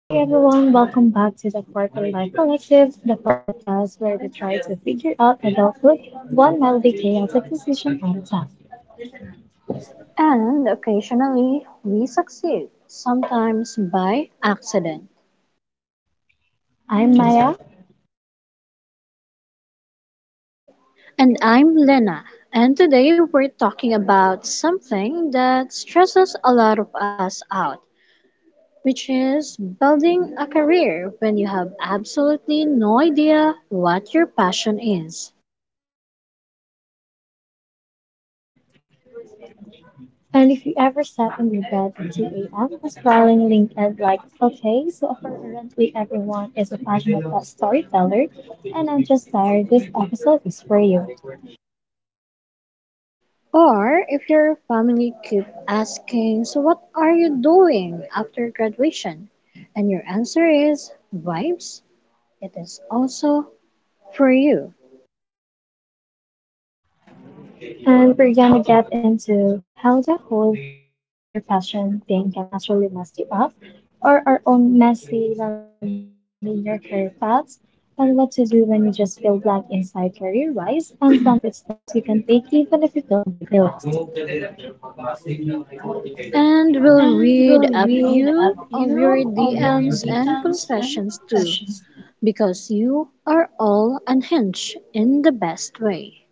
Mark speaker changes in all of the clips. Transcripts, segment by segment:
Speaker 1: Hey everyone, welcome back to the Quarter Life Collective, the podcast where we try to figure out adulthood one melody chaotic decision at a time.
Speaker 2: And occasionally we succeed, sometimes by accident.
Speaker 1: I'm Maya,
Speaker 2: And I'm Lena, and today we're talking about something that stresses a lot of us out, which is building a career when you have absolutely no idea what your passion is.
Speaker 1: and if you ever sat in your bed at 2 a.m. scrolling LinkedIn like, okay, so apparently everyone is a passionate storyteller, and I'm just tired, this episode is for you.
Speaker 2: Or if your family keep asking, so what are you doing after graduation? And your answer is vibes, it is also for you.
Speaker 1: And we're gonna get into how the whole follow your passion thing can actually mess you up, or our own messy, non-linear career paths, and what to do when you just feel blank inside career-wise, and some concrete steps you can take even if you feel completely lost.
Speaker 2: And we'll
Speaker 1: And we'll
Speaker 2: read a
Speaker 1: read
Speaker 2: few
Speaker 1: a
Speaker 2: of your
Speaker 1: few of your
Speaker 2: DMs and
Speaker 1: DMs and
Speaker 2: confessions too,
Speaker 1: confessions.
Speaker 2: because you are all unhinged in the best way.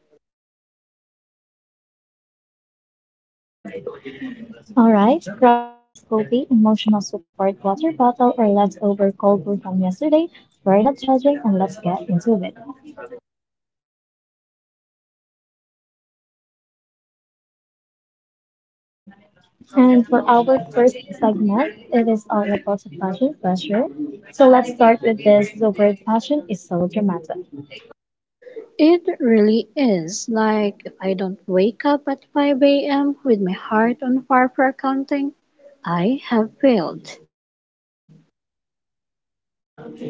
Speaker 1: All right, grab your iced coffee, emotional support water bottle, or leftover cold brew from yesterday. We're not judging, and let's get into it. And for our first segment, it is all about fashion pressure. So let's start with this. The word fashion is so dramatic.
Speaker 2: It really is. Like, if I don't wake up at 5 a.m. with my heart on fire for accounting, I have failed.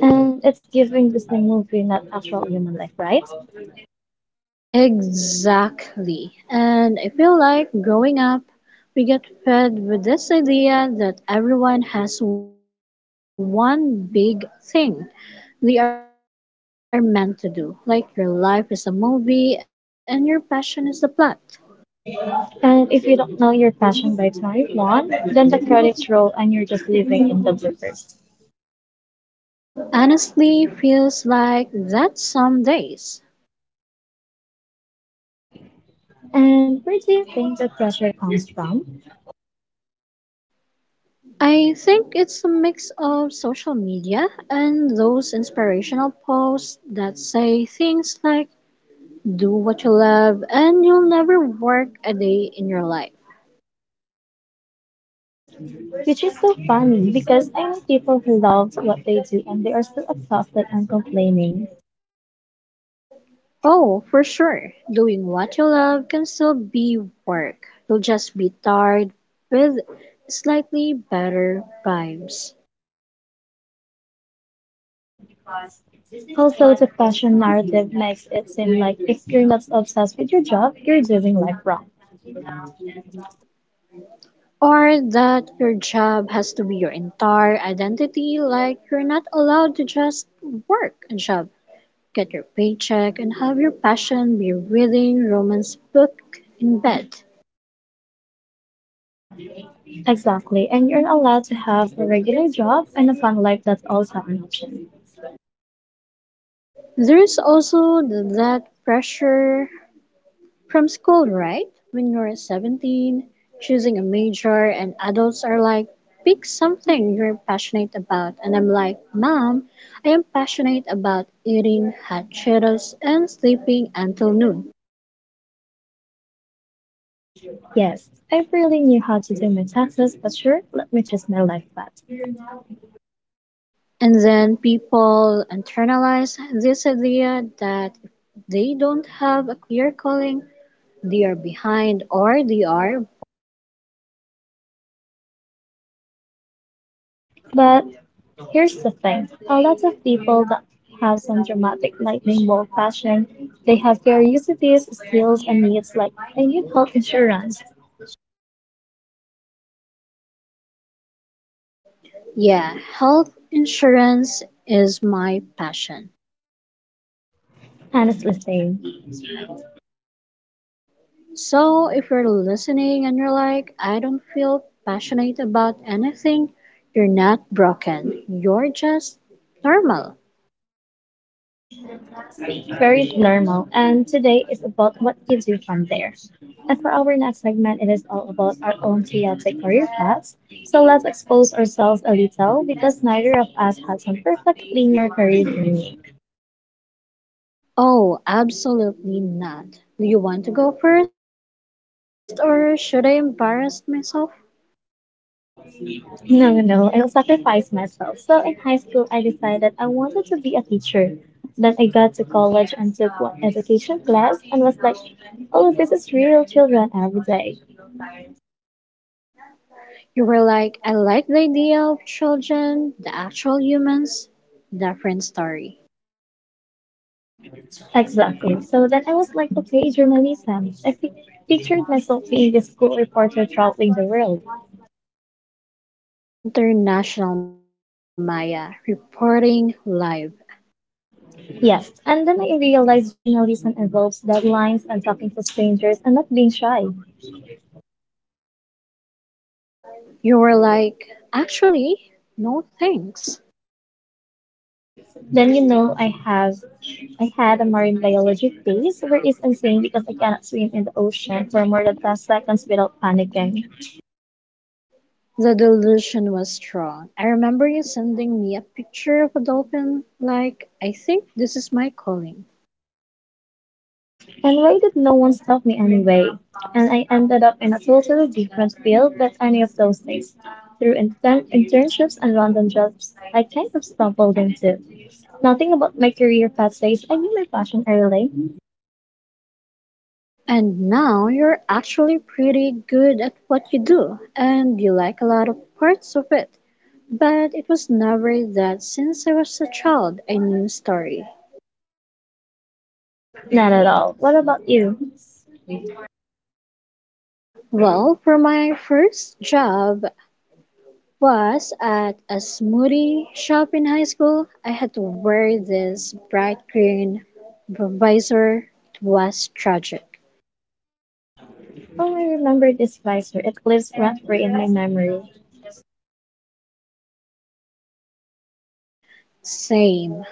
Speaker 1: And it's giving Disney movie, not actual human life, right?
Speaker 2: Exactly. And I feel like growing up, we get fed with this idea that everyone has one big thing we are meant to do, like your life is a movie and your passion is the plot.
Speaker 1: And if you don't know your fashion by 21, then the credits roll and you're just living in the bloopers.
Speaker 2: Honestly, feels like that some days.
Speaker 1: And where do you think the pressure comes from?
Speaker 2: I think it's a mix of social media and those inspirational posts that say things like, do what you love and you'll never work a day in your life.
Speaker 1: Which is so funny because I know people who love what they do and they are still exhausted and complaining.
Speaker 2: Oh, for sure, doing what you love can still be work. You'll just be tired with slightly better vibes.
Speaker 1: Also, the fashion narrative makes it seem like if you're not obsessed with your job, you're doing life wrong.
Speaker 2: Or that your job has to be your entire identity, like you're not allowed to just work a job, get your paycheck, and have your passion be reading romance book in bed.
Speaker 1: Exactly, and you're allowed to have a regular job and a fun life that's also an option.
Speaker 2: There's also that pressure from school, right? When you're 17, choosing a major, and adults are like, pick something you're passionate about. And I'm like, Mom, I am passionate about eating hot Cheetos and sleeping until noon.
Speaker 1: Yes, I really knew how to do my taxes, but sure, let me choose my life path.
Speaker 2: And then people internalize this idea that if they don't have a clear calling, they are behind or they are.
Speaker 1: But here's the thing a lot of people that have some dramatic lightning bolt fashion, they have curiosities, skills, and needs like I need health insurance.
Speaker 2: Yeah, health insurance is my passion.
Speaker 1: Honestly, same.
Speaker 2: So if you're listening and you're like, I don't feel passionate about anything, you're not broken. You're just normal.
Speaker 1: Very normal, and today is about what gets you from there. And for our next segment, it is all about our own chaotic career paths. So let's expose ourselves a little because neither of us has some perfect linear career journey.
Speaker 2: Oh, absolutely not. Do you want to go first or should I embarrass myself?
Speaker 1: No, no, I'll sacrifice myself. So in high school, I decided I wanted to be a teacher. Then I got to college and took 1 education class and was like, oh, this is real children every day.
Speaker 2: You were like, I like the idea of children, the actual humans, different story.
Speaker 1: Exactly. So then I was like, okay, journalism. Pictured myself being a school reporter traveling the world.
Speaker 2: International Maya reporting live.
Speaker 1: Yes. And then I realized journalism involves deadlines and talking to strangers and not being shy.
Speaker 2: You were like, actually, no thanks.
Speaker 1: Then, I had a marine biology phase where it's insane because I cannot swim in the ocean for more than 10 seconds without panicking.
Speaker 2: The delusion was strong. I remember you sending me a picture of a dolphin, like, I think this is my calling.
Speaker 1: And why did no one stop me anyway? And I ended up in a totally different field than any of those things. Through internships and random jobs, I kind of stumbled into. Nothing about my career path says I knew my passion early.
Speaker 2: And now you're actually pretty good at what you do, and you like a lot of parts of it. But it was never that since I was a child I knew story.
Speaker 1: Not at all. What about you?
Speaker 2: Well, for my first job was at a smoothie shop in high school. I had to wear this bright green visor. It was tragic.
Speaker 1: Oh, I remember this visor. It lives rent-free in my memory.
Speaker 2: Same.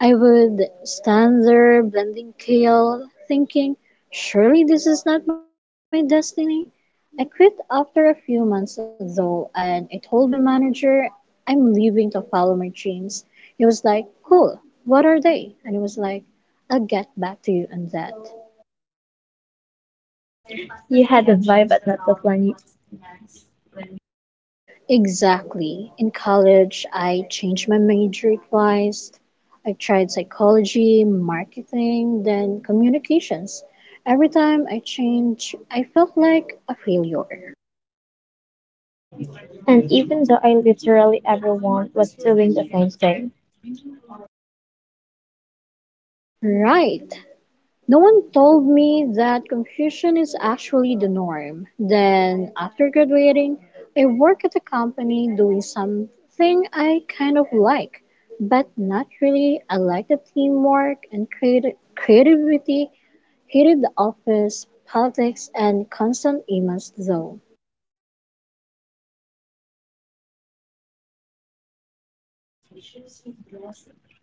Speaker 2: I would stand there blending kale, thinking, surely this is not my destiny. I quit after a few months though, and I told my manager I'm leaving to follow my dreams. He was like, cool, what are they? And he was like, I'll get back to you on that.
Speaker 1: You had the vibe, but not the plan.
Speaker 2: Exactly. In college, I changed my major twice. I tried psychology, marketing, then communications. Every time I changed, I felt like a failure.
Speaker 1: And even though I literally everyone was doing the same thing.
Speaker 2: Right. No one told me that confusion is actually the norm. Then, after graduating, I work at a company doing something I kind of like, but not really. I like the teamwork and creativity, hated the office, politics, and constant emails though.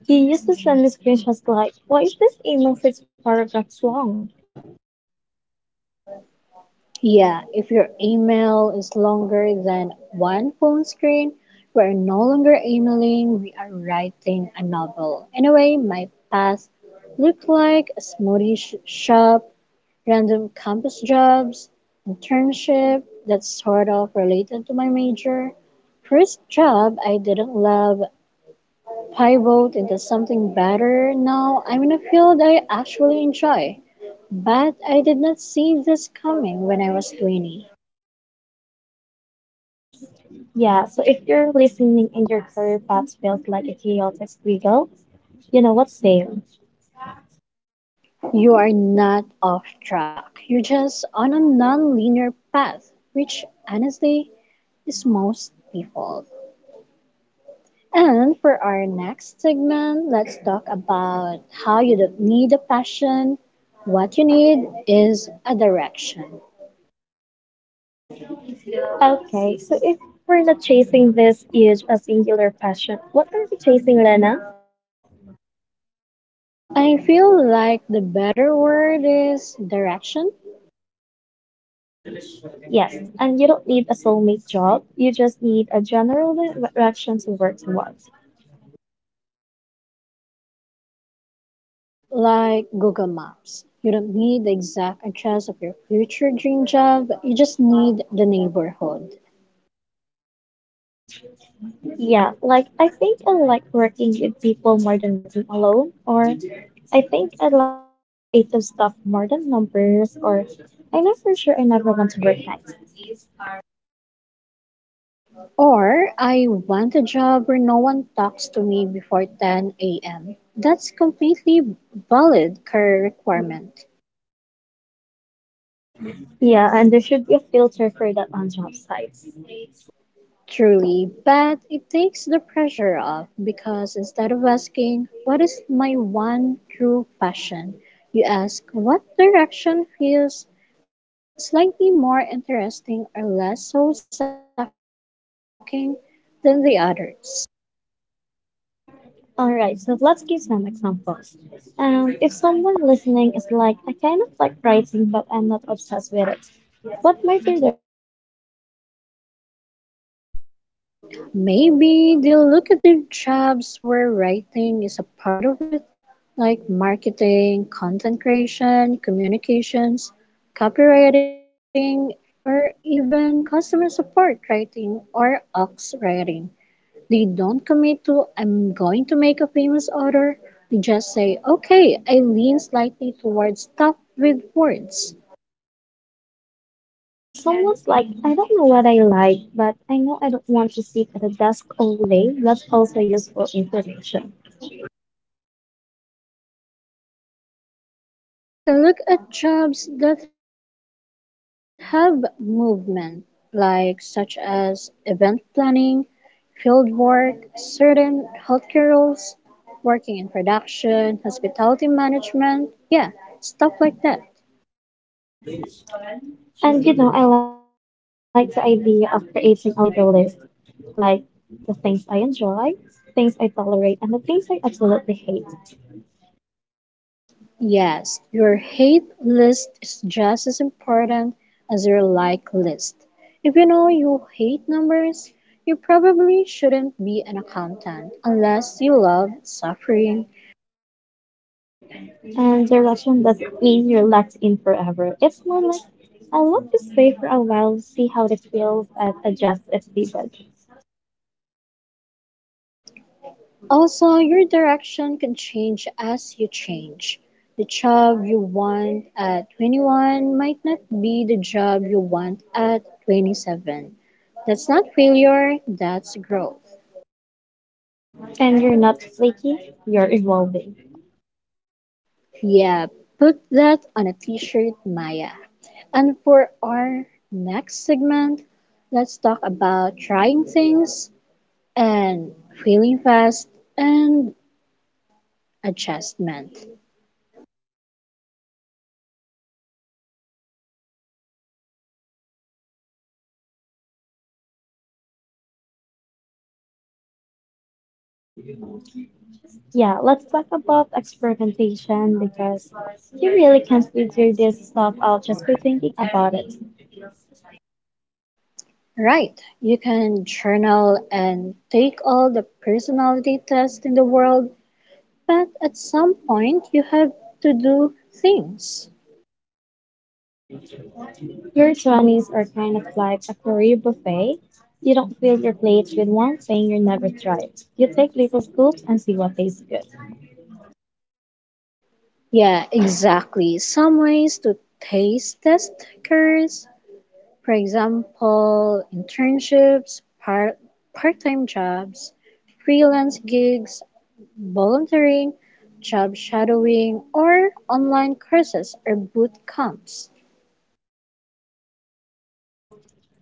Speaker 1: He used to send me screenshots like, why is this email 6 paragraphs long?
Speaker 2: Yeah, if your email is longer than one phone screen, we are no longer emailing, we are writing a novel. Anyway, my past looked like a smoothie shop, random campus jobs, internship that's sort of related to my major. First job I didn't love, pivot into something better. Now I'm in a field I actually enjoy. But I did not see this coming when I was 20.
Speaker 1: Yeah, so if you're listening and your career path feels like a chaotic squiggle, you know what's same.
Speaker 2: You are not off track. You're just on a non-linear path, which honestly is most people. And for our next segment, let's talk about how you don't need a passion. What you need is a direction.
Speaker 1: Okay, so if we're not chasing this huge a singular passion, what are we chasing, Lena?
Speaker 2: I feel like the better word is direction.
Speaker 1: Yes, and you don't need a soulmate job, you just need a general direction to work towards.
Speaker 2: Think of it like Google Maps. You don't need the exact address of your future dream job, you just need the neighborhood.
Speaker 1: Yeah, like I think I like working with people more than working alone, or I think I like creative stuff more than numbers, or I know for sure I never want to work nights.
Speaker 2: Or I want a job where no one talks to me before 10 a.m. That's completely valid career requirement,
Speaker 1: Yeah, and there should be a filter for that on job sites.
Speaker 2: truly, but it takes the pressure off because instead of asking, what is my one true passion, you ask, what direction feels slightly more interesting or less soul sucking than the others.
Speaker 1: All right, so let's give some examples. If someone listening is like, I kind of like writing, but I'm not obsessed with it, what might their direction look like?
Speaker 2: Maybe they'll look at their jobs where writing is a part of it like marketing, content creation, communications, copywriting, or even customer support writing or ox writing. They don't commit to, I'm going to make a famous order. They just say, okay, I lean slightly towards stuff with words.
Speaker 1: Or if someone's like, I don't know what I like, but I know I don't want to sit at a desk all day, that's also useful information.
Speaker 2: Yeah, then you can look at jobs that have movement, like such as event planning, field work, certain healthcare roles, working in production, hospitality management, yeah, stuff like that.
Speaker 1: And you know, I like the idea of creating a little list, like the things I enjoy, things I tolerate, and the things I absolutely hate.
Speaker 2: Yes, your hate list is just as important as your like list. If you know you hate numbers, you probably shouldn't be an accountant unless you love suffering.
Speaker 1: And direction doesn't mean you're locked in forever. It's more like, I'll walk this way for a while, see how it feels, and adjust if needed.
Speaker 2: Also, your direction can change as you change. The job you want at 21 might not be the job you want at 27. That's not failure, that's growth.
Speaker 1: And you're not flaky, you're evolving.
Speaker 2: Yeah, put that on a t shirt, Maya. And for our next segment, let's talk about trying things and feeling fast and adjustment.
Speaker 1: Yeah, let's talk about experimentation because you really can't figure this stuff out just by thinking about it.
Speaker 2: Right. You can journal and take all the personality tests in the world, but at some point you have to do things.
Speaker 1: Your 20s are kind of like a career buffet. You don't fill your plates with one thing you never tried. You take little scoops and see what tastes good.
Speaker 2: Yeah, exactly. Some ways to taste test careers, for example, internships, part time jobs, freelance gigs, volunteering, job shadowing, or online courses or boot camps.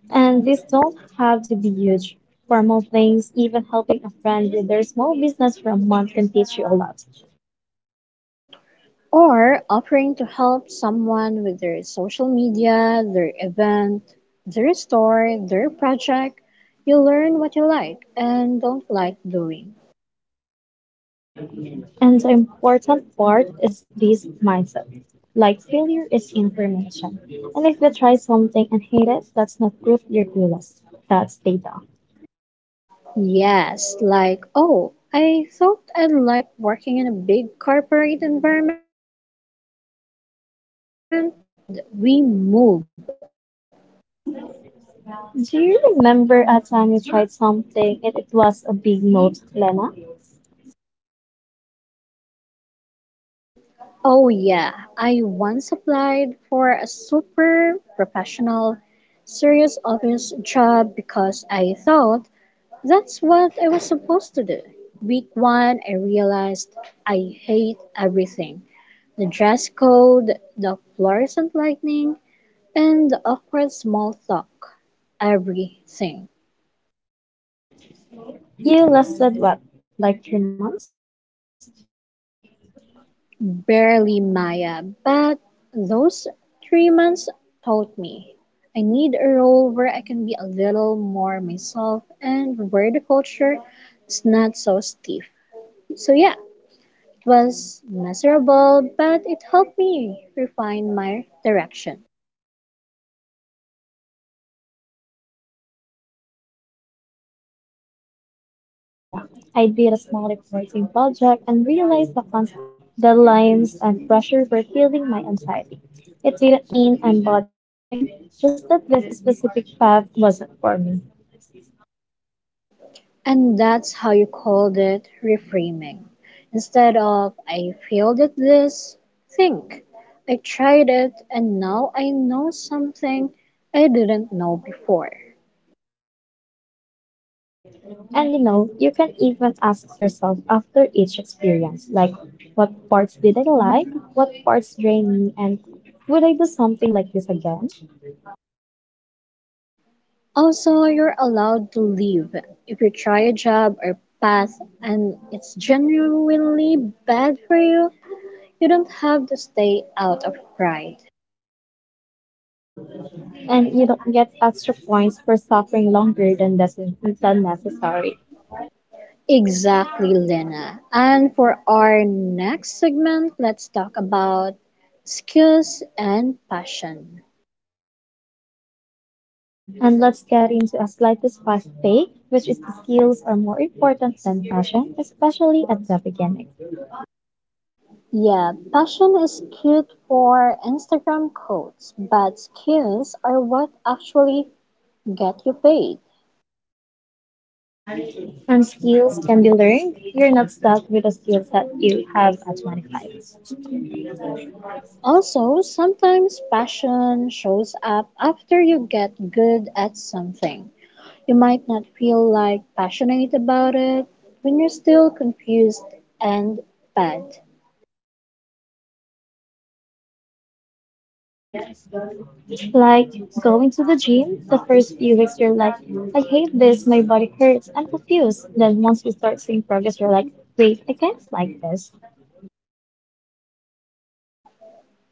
Speaker 1: And these don't have to be huge. Formal things, even helping a friend with their small business for a month can teach you a lot.
Speaker 2: Or offering to help someone with their social media, their event, their store, their project. You learn what you like and don't like doing.
Speaker 1: And the important part is this mindset. Like failure is information. And if you try something and hate it, that's not proof you're clueless. That's data.
Speaker 2: Yes, like, oh, I thought I'd like working in a big corporate environment. I don't. Noted, we move.
Speaker 1: Do you remember a time you tried something and it was a big no, Lena?
Speaker 2: Oh, yeah, I once applied for a super professional serious office job because I thought that's what I was supposed to do. Week one, I realized I hate everything, the dress code, the fluorescent lightning, and the awkward small talk. Everything.
Speaker 1: You lasted what, like 3 months?
Speaker 2: Barely, Maya, but those 3 months taught me. I need a role where I can be a little more myself and where the culture is not so stiff. So, yeah, it was miserable, but it helped me refine my direction.
Speaker 1: Same for me with that journalism phase, Lena. I did a small reporting project and realized the constant deadlines and pressure were killing my anxiety. It didn't mean I'm bad at everything, just that this specific path wasn't for me.
Speaker 2: And that's how you called it reframing. Instead of I failed at this, think I tried it and now I know something I didn't know before.
Speaker 1: And you know, you can even ask yourself after each experience, like, what parts did I like? What parts drained me? And would I do something like this again?
Speaker 2: Also, you're allowed to leave if you try a job or path and it's genuinely bad for you. You don't have to stay out of pride.
Speaker 1: And you don't get extra points for suffering longer than doesn't than necessary.
Speaker 2: Exactly, Lena. And for our next segment, let's talk about skills and passion.
Speaker 1: And let's get into a slightly fast take, which is the skills are more important than passion, especially at the beginning.
Speaker 2: Yeah, passion is cute for Instagram quotes, but skills are what actually get you paid.
Speaker 1: And skills can be learned. You're not stuck with the skills that you have at 25.
Speaker 2: Also, sometimes passion shows up after you get good at something. You might not feel like passionate about it when you're still confused and bad.
Speaker 1: Like going to the gym, the first few weeks you're like, I hate this, my body hurts, I'm confused. Then once you start seeing progress, you're like, wait, I can't like this.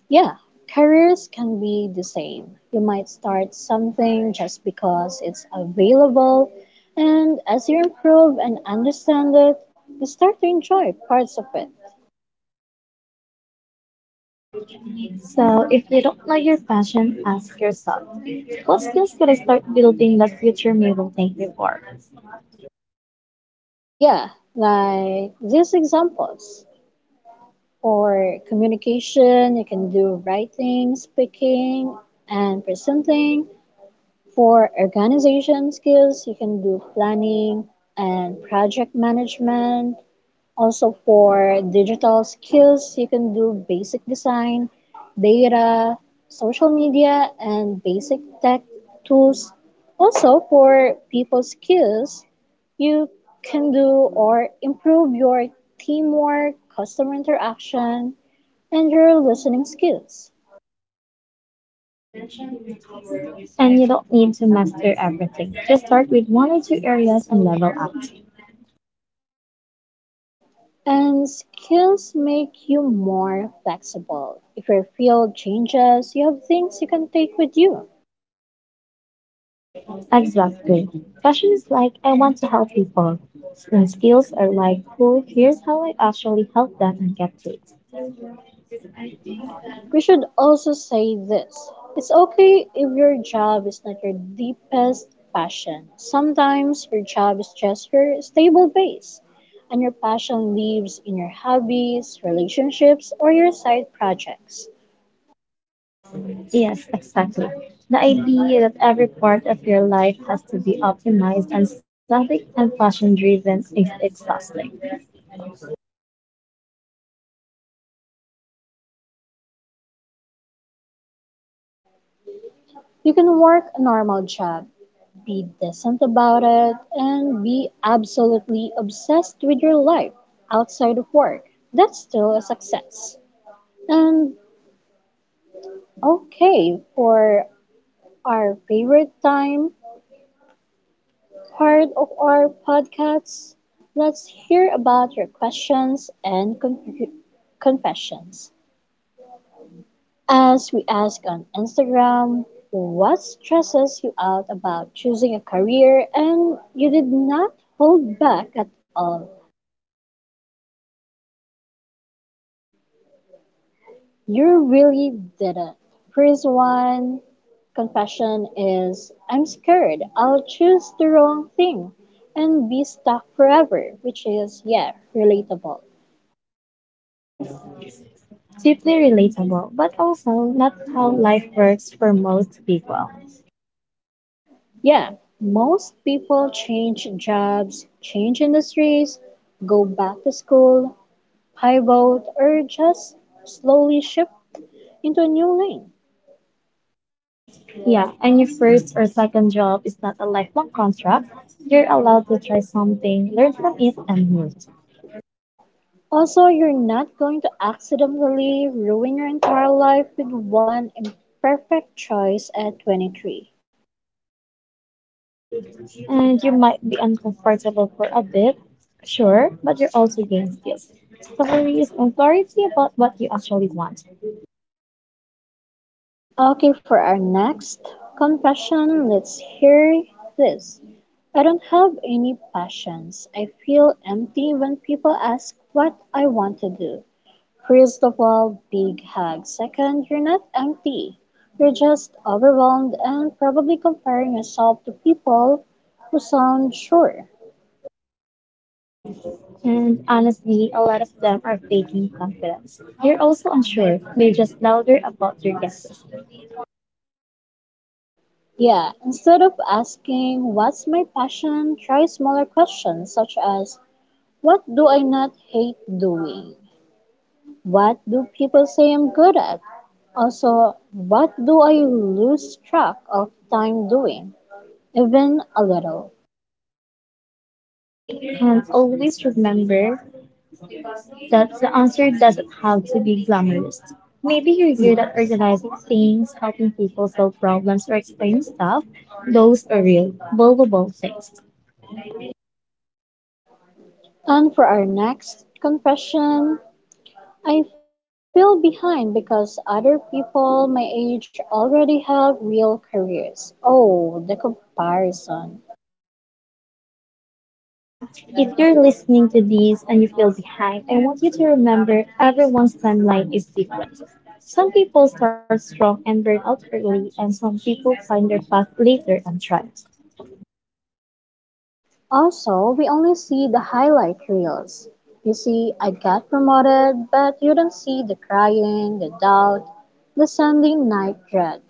Speaker 2: Yeah, careers can be the same. You might start something just because it's available, and as you improve and understand it, you start to enjoy parts of it.
Speaker 1: So, if you don't know your passion, ask yourself, what skills could I start building that future me will thank me for?
Speaker 2: Yeah, like these examples. For communication, you can do writing, speaking, and presenting. For organization skills, you can do planning and project management. Also for digital skills, you can do basic design, data, social media, and basic tech tools. Also for people skills, you can do or improve your teamwork, customer interaction, and your listening skills.
Speaker 1: And you don't need to master everything. Just start with one or two areas and level up.
Speaker 2: And skills make you more flexible. If your field changes, you have things you can take with you.
Speaker 1: Exactly. Passion is like, I want to help people. And skills are like, cool, here's how I actually help them and get paid.
Speaker 2: We should also say this, it's okay if your job is not your deepest passion. Sometimes your job is just your stable base, and your passion lives in your hobbies, relationships, or your side projects.
Speaker 1: Yes, exactly. The idea that every part of your life has to be optimized and static and passion driven is exhausting.
Speaker 2: You can work a normal job, be decent about it, and be absolutely obsessed with your life outside of work. That's still a success. And okay, for our favorite time, part of our podcast. Let's hear about your questions and confessions. As we ask on Instagram, what stresses you out about choosing a career and you did not hold back at all? You really did it. First one confession is I'm scared I'll choose the wrong thing and be stuck forever, which is, yeah, relatable.
Speaker 1: Deeply relatable, but also not how life works for most people.
Speaker 2: Yeah, most people change jobs, change industries, go back to school, pivot, or just slowly shift into a new lane.
Speaker 1: Yeah, and your first or second job is not a lifelong contract. You're allowed to try something, learn from it, and move.
Speaker 2: Also, you're not going to accidentally ruin your entire life with one imperfect choice at 23.
Speaker 1: And you might be uncomfortable for a bit, sure, but you're also gaining skills, stories, and clarity about what you actually want.
Speaker 2: Okay, for our next confession, let's hear this. I don't have any passions. I feel empty when people ask what I want to do. First of all, big hug. Second, you're not empty. You're just overwhelmed and probably comparing yourself to people who sound sure.
Speaker 1: And honestly, a lot of them are faking confidence. You're also unsure, they're just louder about your guesses.
Speaker 2: Yeah, instead of asking, what's my passion, try smaller questions such as, what do I not hate doing? What do people say I'm good at? Also, what do I lose track of time doing? Even a little.
Speaker 1: And always remember that the answer doesn't have to be glamorous. Maybe you're good at organizing things, helping people solve problems, or explaining stuff. Those are real, valuable things.
Speaker 2: And for our next confession, I feel behind because other people my age already have real careers. Oh, the comparison.
Speaker 1: If you're listening to this and you feel behind, I want you to remember everyone's timeline is different. Some people start strong and burn out early, and some people find their path later and thrive.
Speaker 2: Also, we only see the highlight reels. You see, I got promoted, but you don't see the crying, the doubt, the Sunday night dread.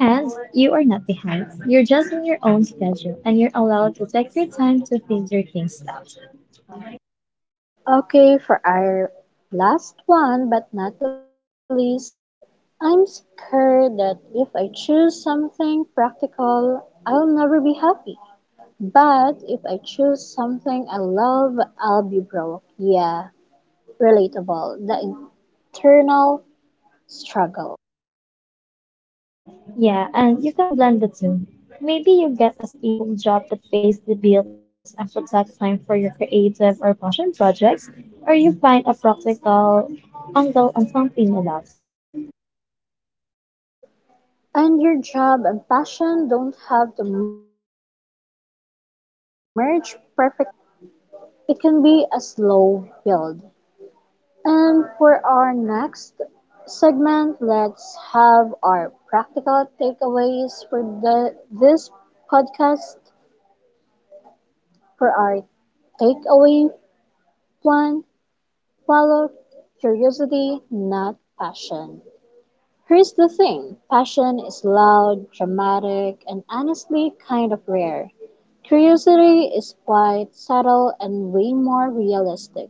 Speaker 1: And you are not behind. You're just on your own schedule, and you're allowed to take your time to figure things out.
Speaker 2: Okay, for our last one, but not the least, I'm scared that if I choose something practical, I'll never be happy. But if I choose something I love, I'll be broke. Yeah, relatable. The internal struggle.
Speaker 1: Yeah, and you can blend the two. Maybe you get a stable job that pays the bills and protects time for your creative or passion projects, or you find a practical angle on something you love.
Speaker 2: And your job and passion don't have to merge perfectly at 24. It can be a slow build. And for our next segment, let's have our practical takeaways for this podcast for our takeaway one. Follow curiosity, not passion. Here's the thing, passion is loud, dramatic, and honestly kind of rare. Curiosity is quiet, subtle, and way more realistic.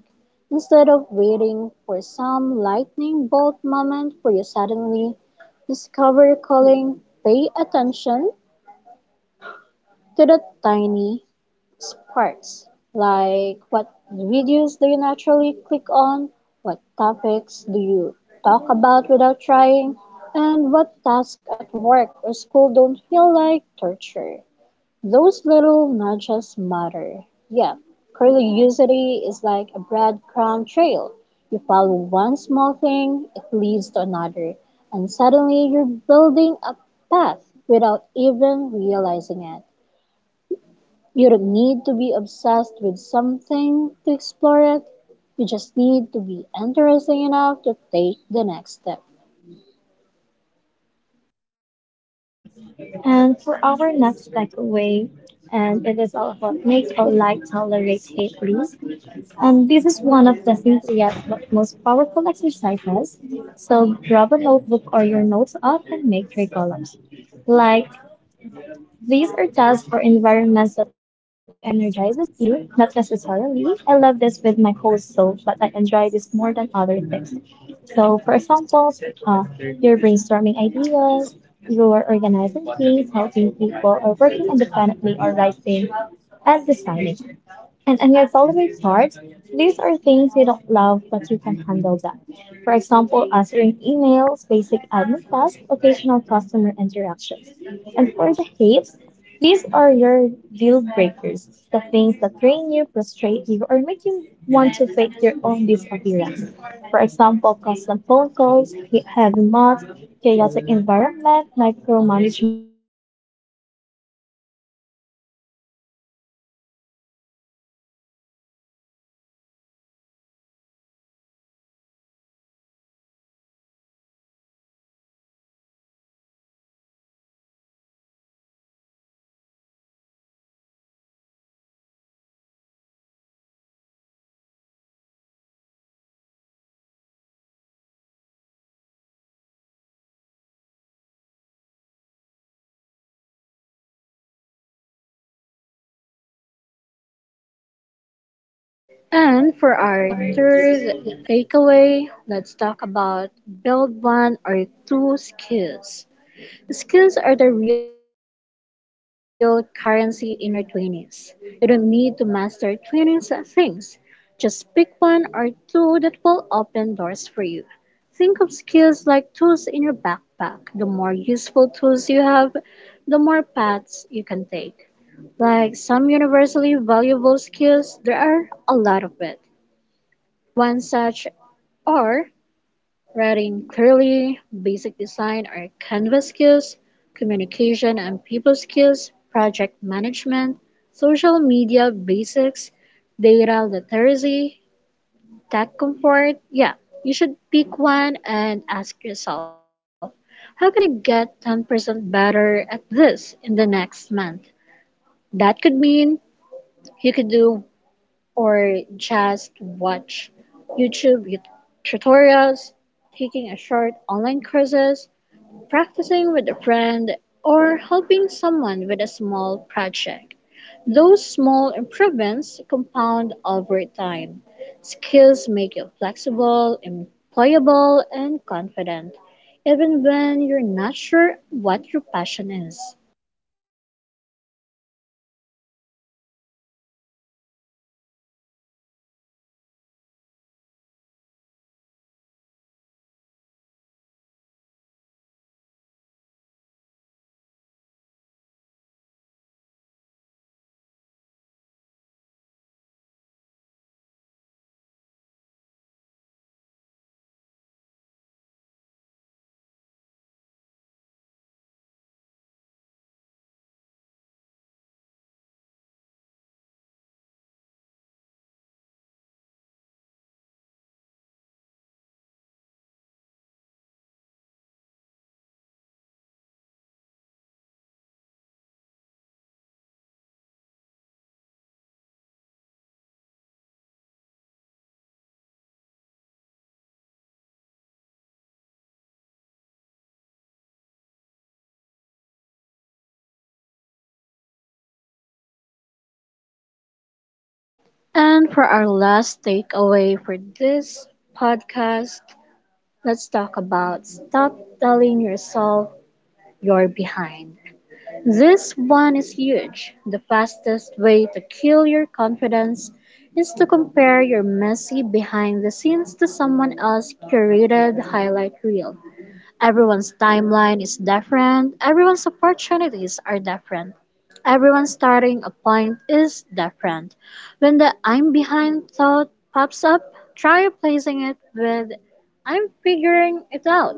Speaker 2: Instead of waiting for some lightning bolt moment where you suddenly discover your calling, pay attention to the tiny sparks. Like, what videos do you naturally click on? What topics do you talk about without trying? And what tasks at work or school don't feel like torture? Those little nudges matter. Yeah, curiosity is like a breadcrumb trail. You follow one small thing, it leads to another, and suddenly you're building a path without even realizing it. You don't need to be obsessed with something to explore it. You just need to be interesting enough to take the next step.
Speaker 1: And for our next takeaway, and it is all about make or like, tolerate, hate, please. And this is one of the simplest but most powerful exercises. So grab a notebook or your notes app and make three columns. Like, these are tasks or environments that energizes you, not necessarily. I love this with my whole soul, but I enjoy this more than other things. So, for example, uh, you're brainstorming ideas, you are organizing things, helping people, or working independently, or writing and designing. And it's always hard. These are things you don't love, but you can handle them. For example, answering emails, basic admin tasks, occasional customer interactions. And for the hates, these are your deal breakers, the things that drain you, frustrate you, or make you want to fake your own disappearance. For example, constant phone calls, heavy mods, chaotic environment, micromanagement, or public speaking. This list becomes your personal compass. It helps you filter job descriptions, understand what roles might fit you, and avoid situations that will burn you out. And it's not about finding the perfect job. It's about finding a job that aligns with who you are right now.
Speaker 2: And for our third takeaway, let's talk about build one or two skills. Skills are the real currency in your 20s. You don't need to master 20 things. Just pick one or two that will open doors for you. Think of skills like tools in your backpack. The more useful tools you have, the more paths you can take. Like, some universally valuable skills, there are a lot of it. One such are writing clearly, basic design or canvas skills, communication and people skills, project management, social media basics, data literacy, tech comfort. Yeah, you should pick one and ask yourself, how can I get 10% better at this in the next month? That could mean you could do or just watch YouTube tutorials, taking a short online courses, practicing with a friend, or helping someone with a small project. Those small improvements compound over time. Skills make you flexible, employable, and confident, even when you're not sure what your passion is. And for our last takeaway for this podcast, let's talk about stop telling yourself you're behind. This one is huge. The fastest way to kill your confidence is to compare your messy behind the scenes to someone else's curated highlight reel. Everyone's timeline is different, everyone's opportunities are different, everyone's starting a point is different. When the "I'm behind" thought pops up, try replacing it with "I'm figuring it out.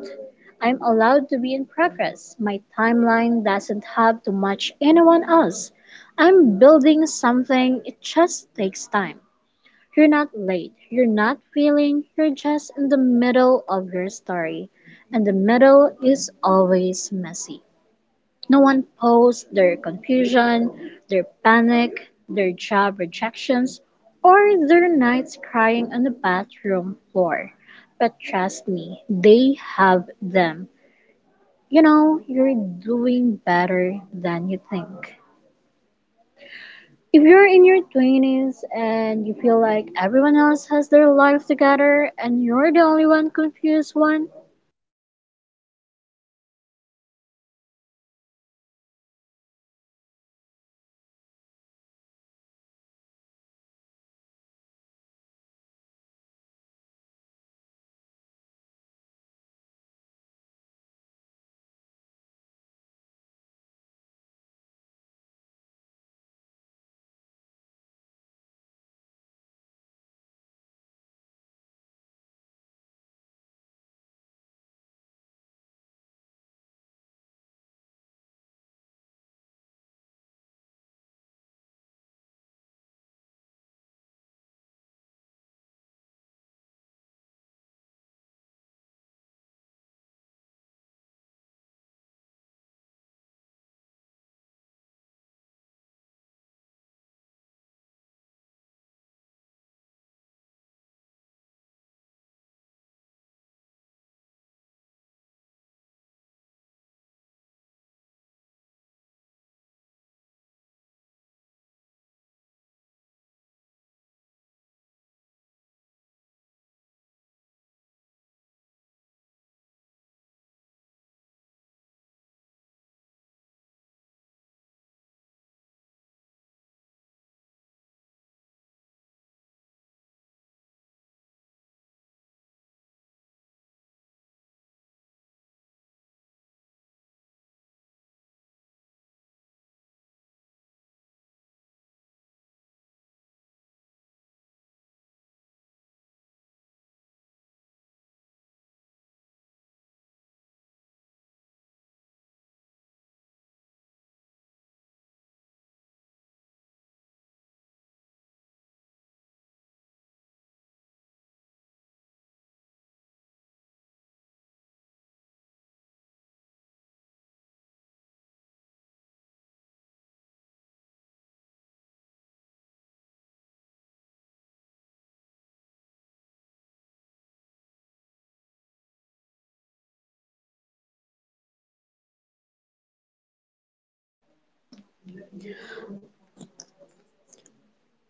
Speaker 2: I'm allowed to be in progress. My timeline doesn't have to match anyone else. I'm building something, it just takes time." You're not late. You're not feeling. You're just in the middle of your story. And the middle is always messy. No one posts their confusion, their panic, their job rejections, or their nights crying on the bathroom floor. But trust me, they have them. You know, you're doing better than you think. If you're in your 20s and you feel like everyone else has their life together and you're the only one confused one,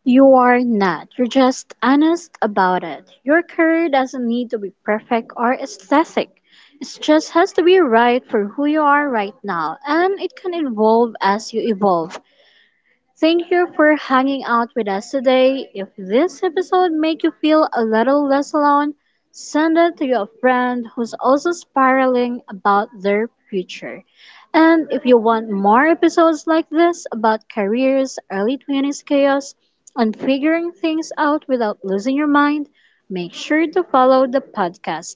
Speaker 2: you are not. You're just honest about it. Your career doesn't need to be perfect or aesthetic. It just has to be right for who you are right now, and it can evolve as you evolve. Thank you for hanging out with us today. If this episode made you feel a little less alone, send it to your friend who's also spiraling about their future. And if you want more episodes like this about careers, early 20s chaos, and figuring things out without losing your mind, make sure to follow the podcast,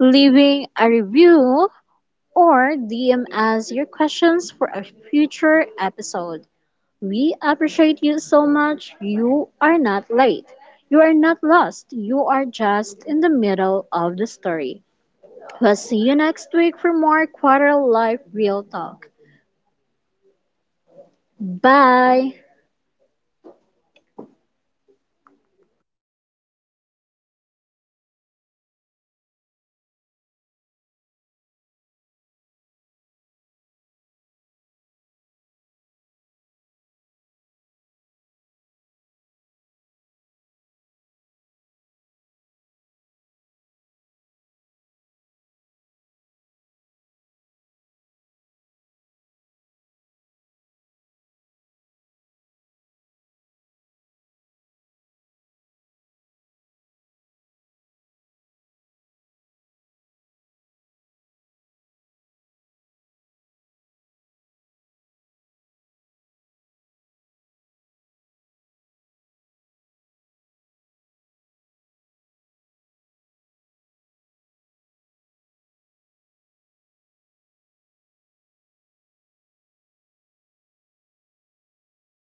Speaker 2: leaving a review, or DM us your questions for a future episode. We appreciate you so much. You are not late. You are not lost. You are just in the middle of the story. We'll see you next week for more Quarter Life Real Talk. Bye!